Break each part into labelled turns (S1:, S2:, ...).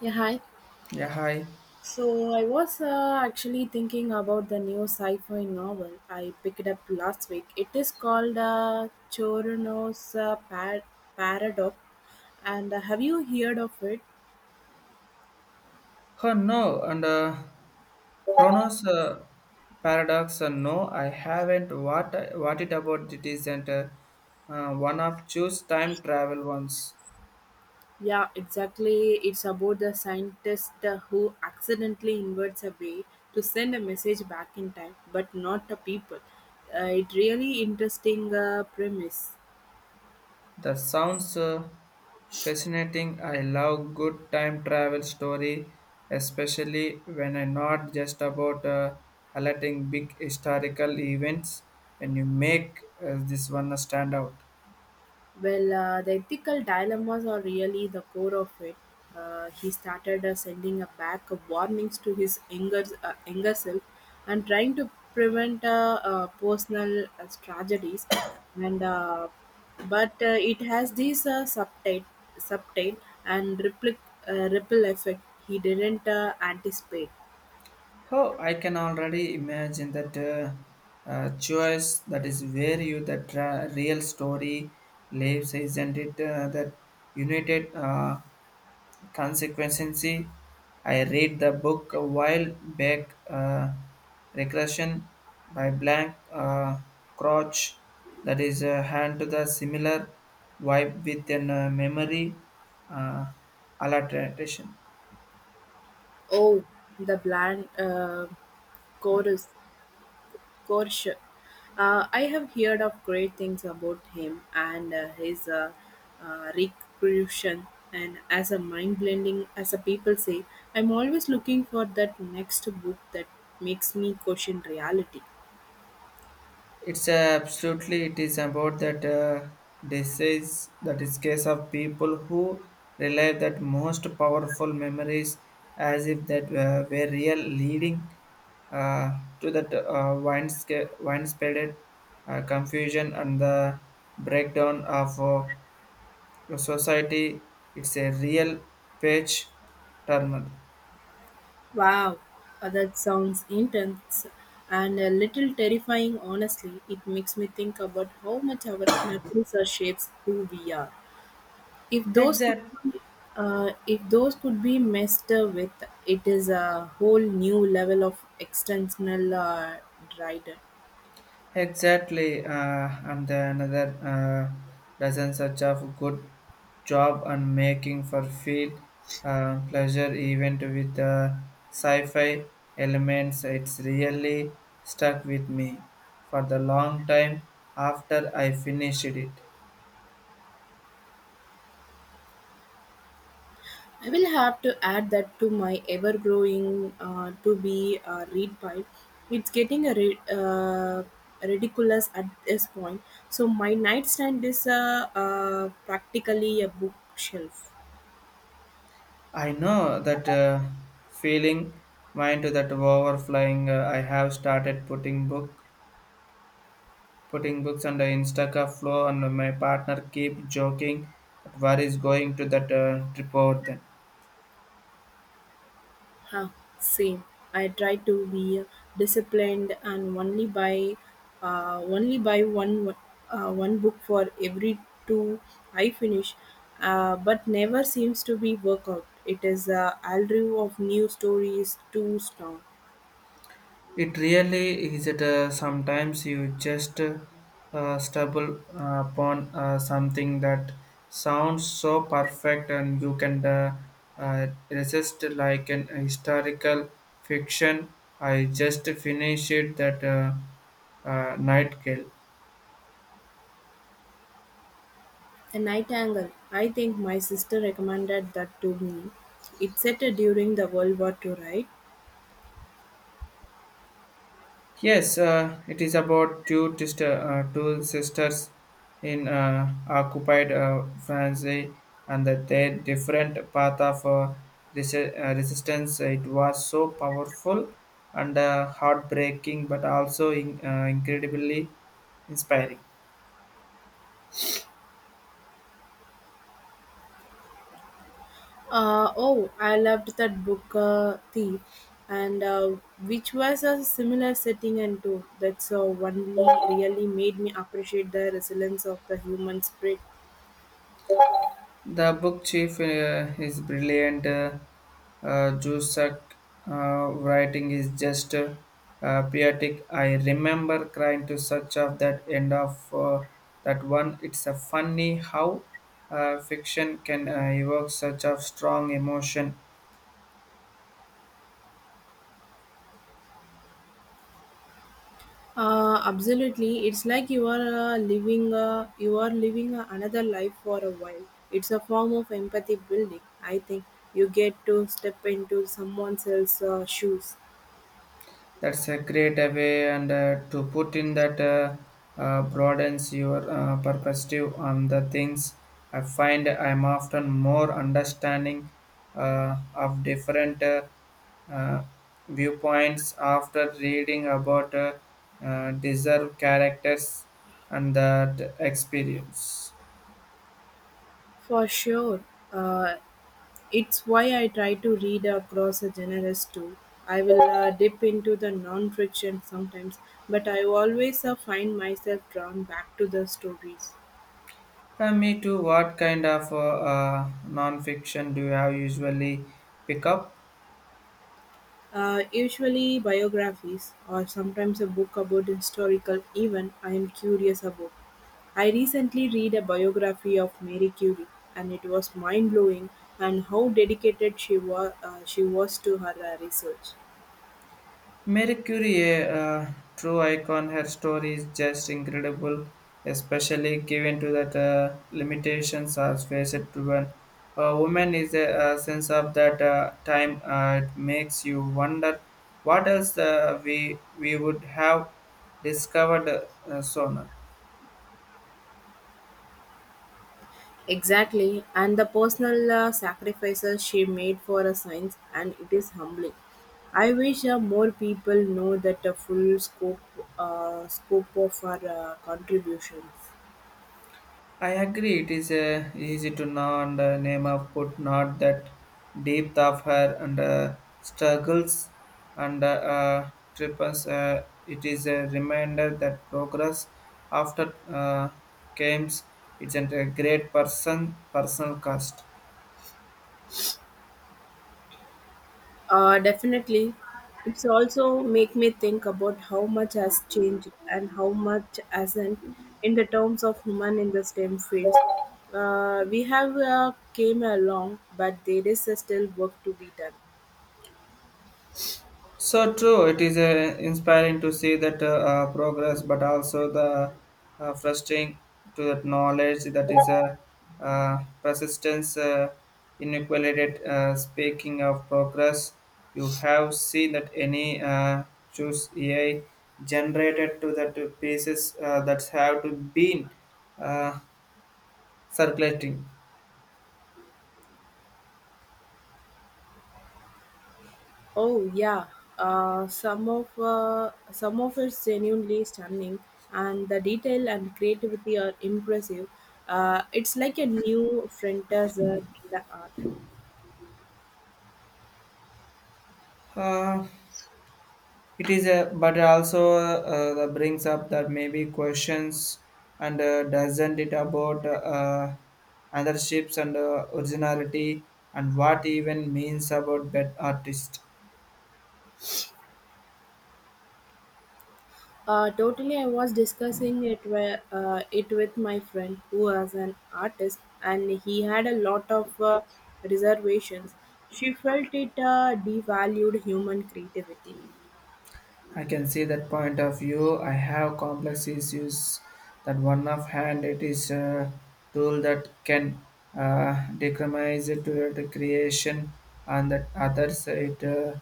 S1: Yeah, hi.
S2: Yeah, hi.
S1: So I was actually thinking about the new sci-fi novel I picked up last week. It is called Chorono's Paradox, and have you heard of it?
S2: Huh, no, and Chronos paradox. No, I haven't. What it about? It isn't one of choose time travel ones.
S1: Yeah, exactly. It's about the scientist who accidentally invents a way to send a message back in time, but not the people. It really interesting premise.
S2: That sounds fascinating. I love good time travel story, especially when I not just about highlighting big historical events. When you make this one stand out.
S1: Well, the ethical dilemmas are really the core of it. He started sending back warnings to his younger self and trying to prevent personal tragedies. And but it has this uh, subtite and ripple effect he didn't anticipate.
S2: Oh, I can already imagine that choice that is where you the real story lives, isn't it? That united consequency. I read the book a while back, Regression by Blank Crouch, that is hand to the similar vibe with an memory uh, alteration.
S1: Oh, the bland chorus Koresh. I have heard of great things about him and his recreation and as a mind blending, as a people say, I'm always looking for that next book that makes me question reality.
S2: It's absolutely it is about that disease that is case of people who rely that most powerful memories as if that were real leading to that widespread confusion and the breakdown of the society. It's a real page turner.
S1: Wow, that sounds intense and a little terrifying, honestly. It makes me think about how much our memories are shapes who we are. if those could
S2: Exact.
S1: be, if those could be messed with, it is a whole new level of external rider.
S2: Exactly, and the another dozen such of good job on making for feel pleasure event with sci-fi elements. It's really stuck with me for the long time after I finished it.
S1: I will have to add that to my ever-growing to be read pile. It's getting a ridiculous at this point. So my nightstand is practically a bookshelf.
S2: I know that feeling mind to that overflowing. I have started putting books on the Instaca flow and my partner keep joking that where is going to that trip out then.
S1: Huh, same. I try to be disciplined and only buy one book for every two I finish, but never seems to be work out. It is a allure of new stories too strong.
S2: It really is that sometimes you just stumble upon something that sounds so perfect and you can resist like an historical fiction. I just finished that Nightingale.
S1: A night angle. I think my sister recommended that to me. It's set during the World War II, right?
S2: Yes, it is about two sisters in occupied France eh, and that their different path of resistance. It was so powerful and heartbreaking, but also incredibly inspiring.
S1: Oh, I loved that book, Thief, and which was a similar setting and too. That's only really made me appreciate the resilience of the human spirit.
S2: The book chief is brilliant. Cusack, writing is just poetic. I remember crying to such of that end of that one. It's a funny how fiction can evoke such a strong emotion.
S1: Absolutely, it's like you are living another life for a while. It's a form of empathy building. I think you get to step into someone else's shoes.
S2: That's a great way and to put in that broadens your perspective on the things. I find I'm often more understanding of different uh, viewpoints after reading about deserved characters and that experience.
S1: For sure. Uh, it's why I try to read across the genres too. I will dip into the non fiction sometimes, but I always find myself drawn back to the stories.
S2: Me too. What kind of non-fiction do you have usually pick up?
S1: Usually biographies or sometimes a book about historical event I am curious about. I recently read a biography of Mary Curie, and it was mind blowing and how dedicated she was to her research.
S2: Marie Curie, a true icon, her story is just incredible, especially given to that limitations are faced to one. A woman is a sense of that time. It makes you wonder what else we would have discovered sooner.
S1: Exactly, and the personal sacrifices she made for a science, and it is humbling. I wish more people know that the full scope of her contributions.
S2: I agree. It is easy to know and name of put not that depth of her and struggles and triples. It is a reminder that progress after games isn't a great person personal cost.
S1: Definitely, it's also make me think about how much has changed and how much hasn't in the terms of women in the STEM fields. We have came along, but there is still work to be done.
S2: So true. It is inspiring to see that progress, but also the frustrating to that knowledge that is a persistence inequality. Speaking of progress, you have seen that any choose AI generated to that pieces that have to been uh, circulating.
S1: Oh yeah, some of it's genuinely stunning, and the detail and creativity are impressive. It's like a new frontier in the art.
S2: Uh, It is a, but also that brings up that maybe questions and doesn't it about other ships and originality and what even means about that artist.
S1: Totally, I was discussing it with my friend who was an artist, and he had a lot of reservations. She felt it devalued human creativity.
S2: I can see that point of view. I have complex issues that one of hand it is a tool that can decriminalize it to the creation and that others it uh,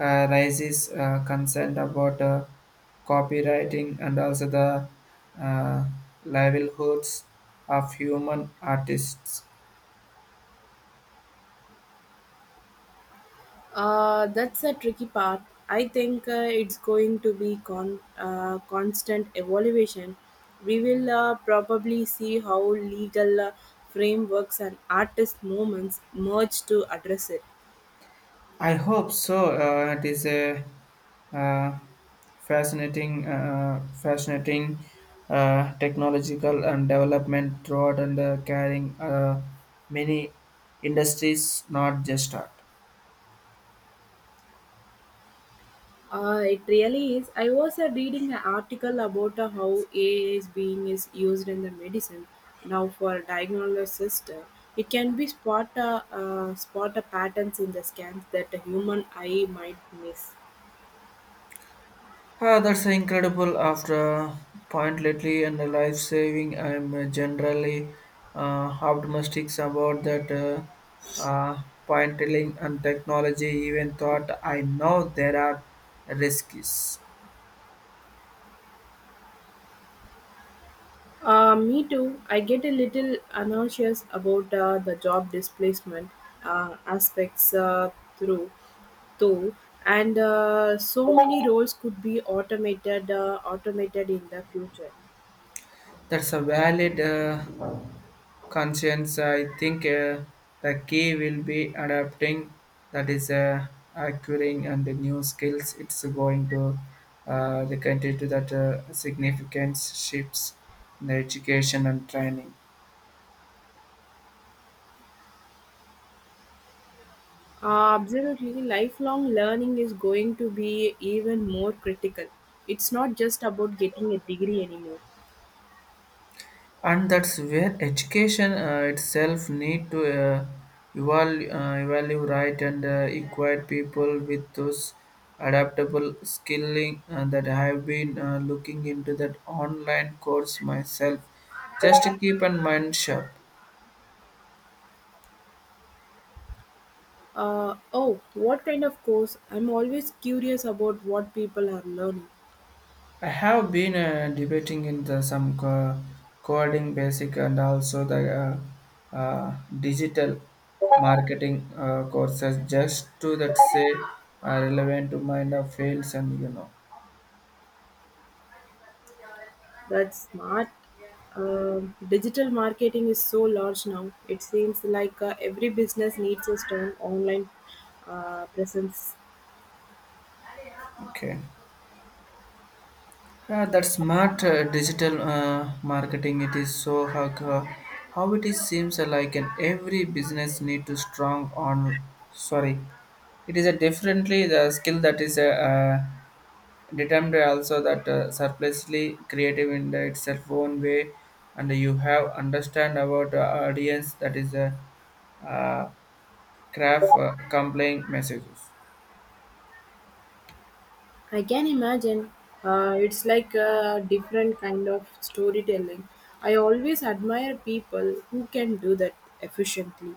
S2: uh, raises concern about copywriting and also the uh, livelihoods of human artists.
S1: That's a tricky part. I think it's going to be constant evaluation. We will probably see how legal frameworks and artist movements merge to address it.
S2: I hope so. It is a uh, fascinating technological and development throughout and carrying many industries, not just art.
S1: It really is. I was reading an article about how AI is being is used in the medicine now for diagnosis. It can be spot patterns in the scans that a human eye might miss.
S2: That's incredible. After a point lately and the life saving, I'm generally optimistic about that point telling and technology. Even thought I know there are risks.
S1: Me too. I get a little anxious about the job displacement aspects through too, and so many roles could be automated in the future.
S2: That's a valid conscience. I think the key will be adapting, that is, acquiring and the new skills. It's going to the country to that significant shifts in the education and training.
S1: Absolutely, lifelong learning is going to be even more critical. It's not just about getting a degree anymore.
S2: And that's where education itself need to evaluate right and equip people with those adaptable skilling that I have been looking into that online course myself just to keep in mind sharp.
S1: Oh, what kind of course? I'm always curious about what people are learning.
S2: I have been debating in the coding basic and also the digital marketing courses just to that say are relevant to mind of fields and you know.
S1: That smart digital marketing is so large now. It seems like every business needs a strong online presence.
S2: Okay, that smart digital marketing it is so how it is seems like an every business need to strong on, sorry, it is a differently the skill that is a, determined also that surplusly creative in the itself own way and you have understand about the audience that is a uh, craft complaint messages.
S1: I can imagine. It's like a different kind of storytelling. I always admire people who can do that efficiently.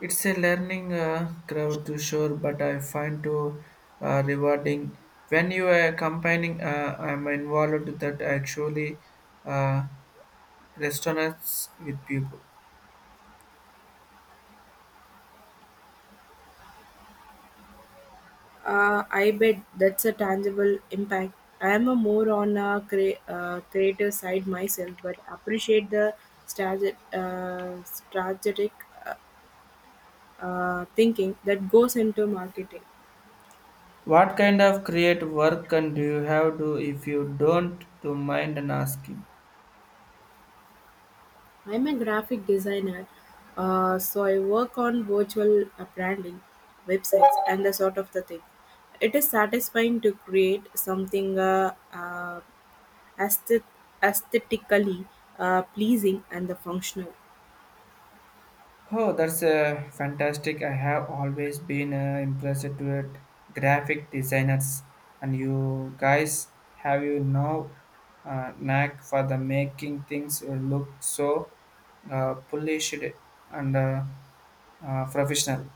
S2: It's a learning crowd to sure but I find to rewarding when you are combining I'm involved with that actually uh, restaurants with people.
S1: I bet that's a tangible impact. I am a more on a creative side myself, but appreciate the strategic thinking that goes into marketing.
S2: What kind of create work can do you have to if you don't to mind and asking?
S1: I'm a graphic designer, so I work on virtual branding, websites, and the sort of the thing. It is satisfying to create something aesthet- aesthetically pleasing and the functional.
S2: Oh, that's fantastic. I have always been impressed with graphic designers. And you guys have, you know, knack for the making things look so polished and professional.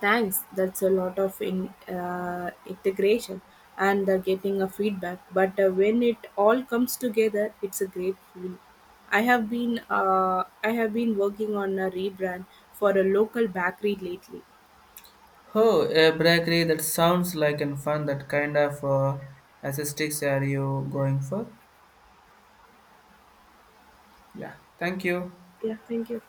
S1: Thanks, that's a lot of integration and the getting a feedback. But when it all comes together, it's a great feeling. I have been working on a rebrand for a local bakery lately.
S2: Oh, a bakery that sounds like and fun. That kind of aesthetics are you going for? Yeah. Thank you.
S1: Yeah, thank you.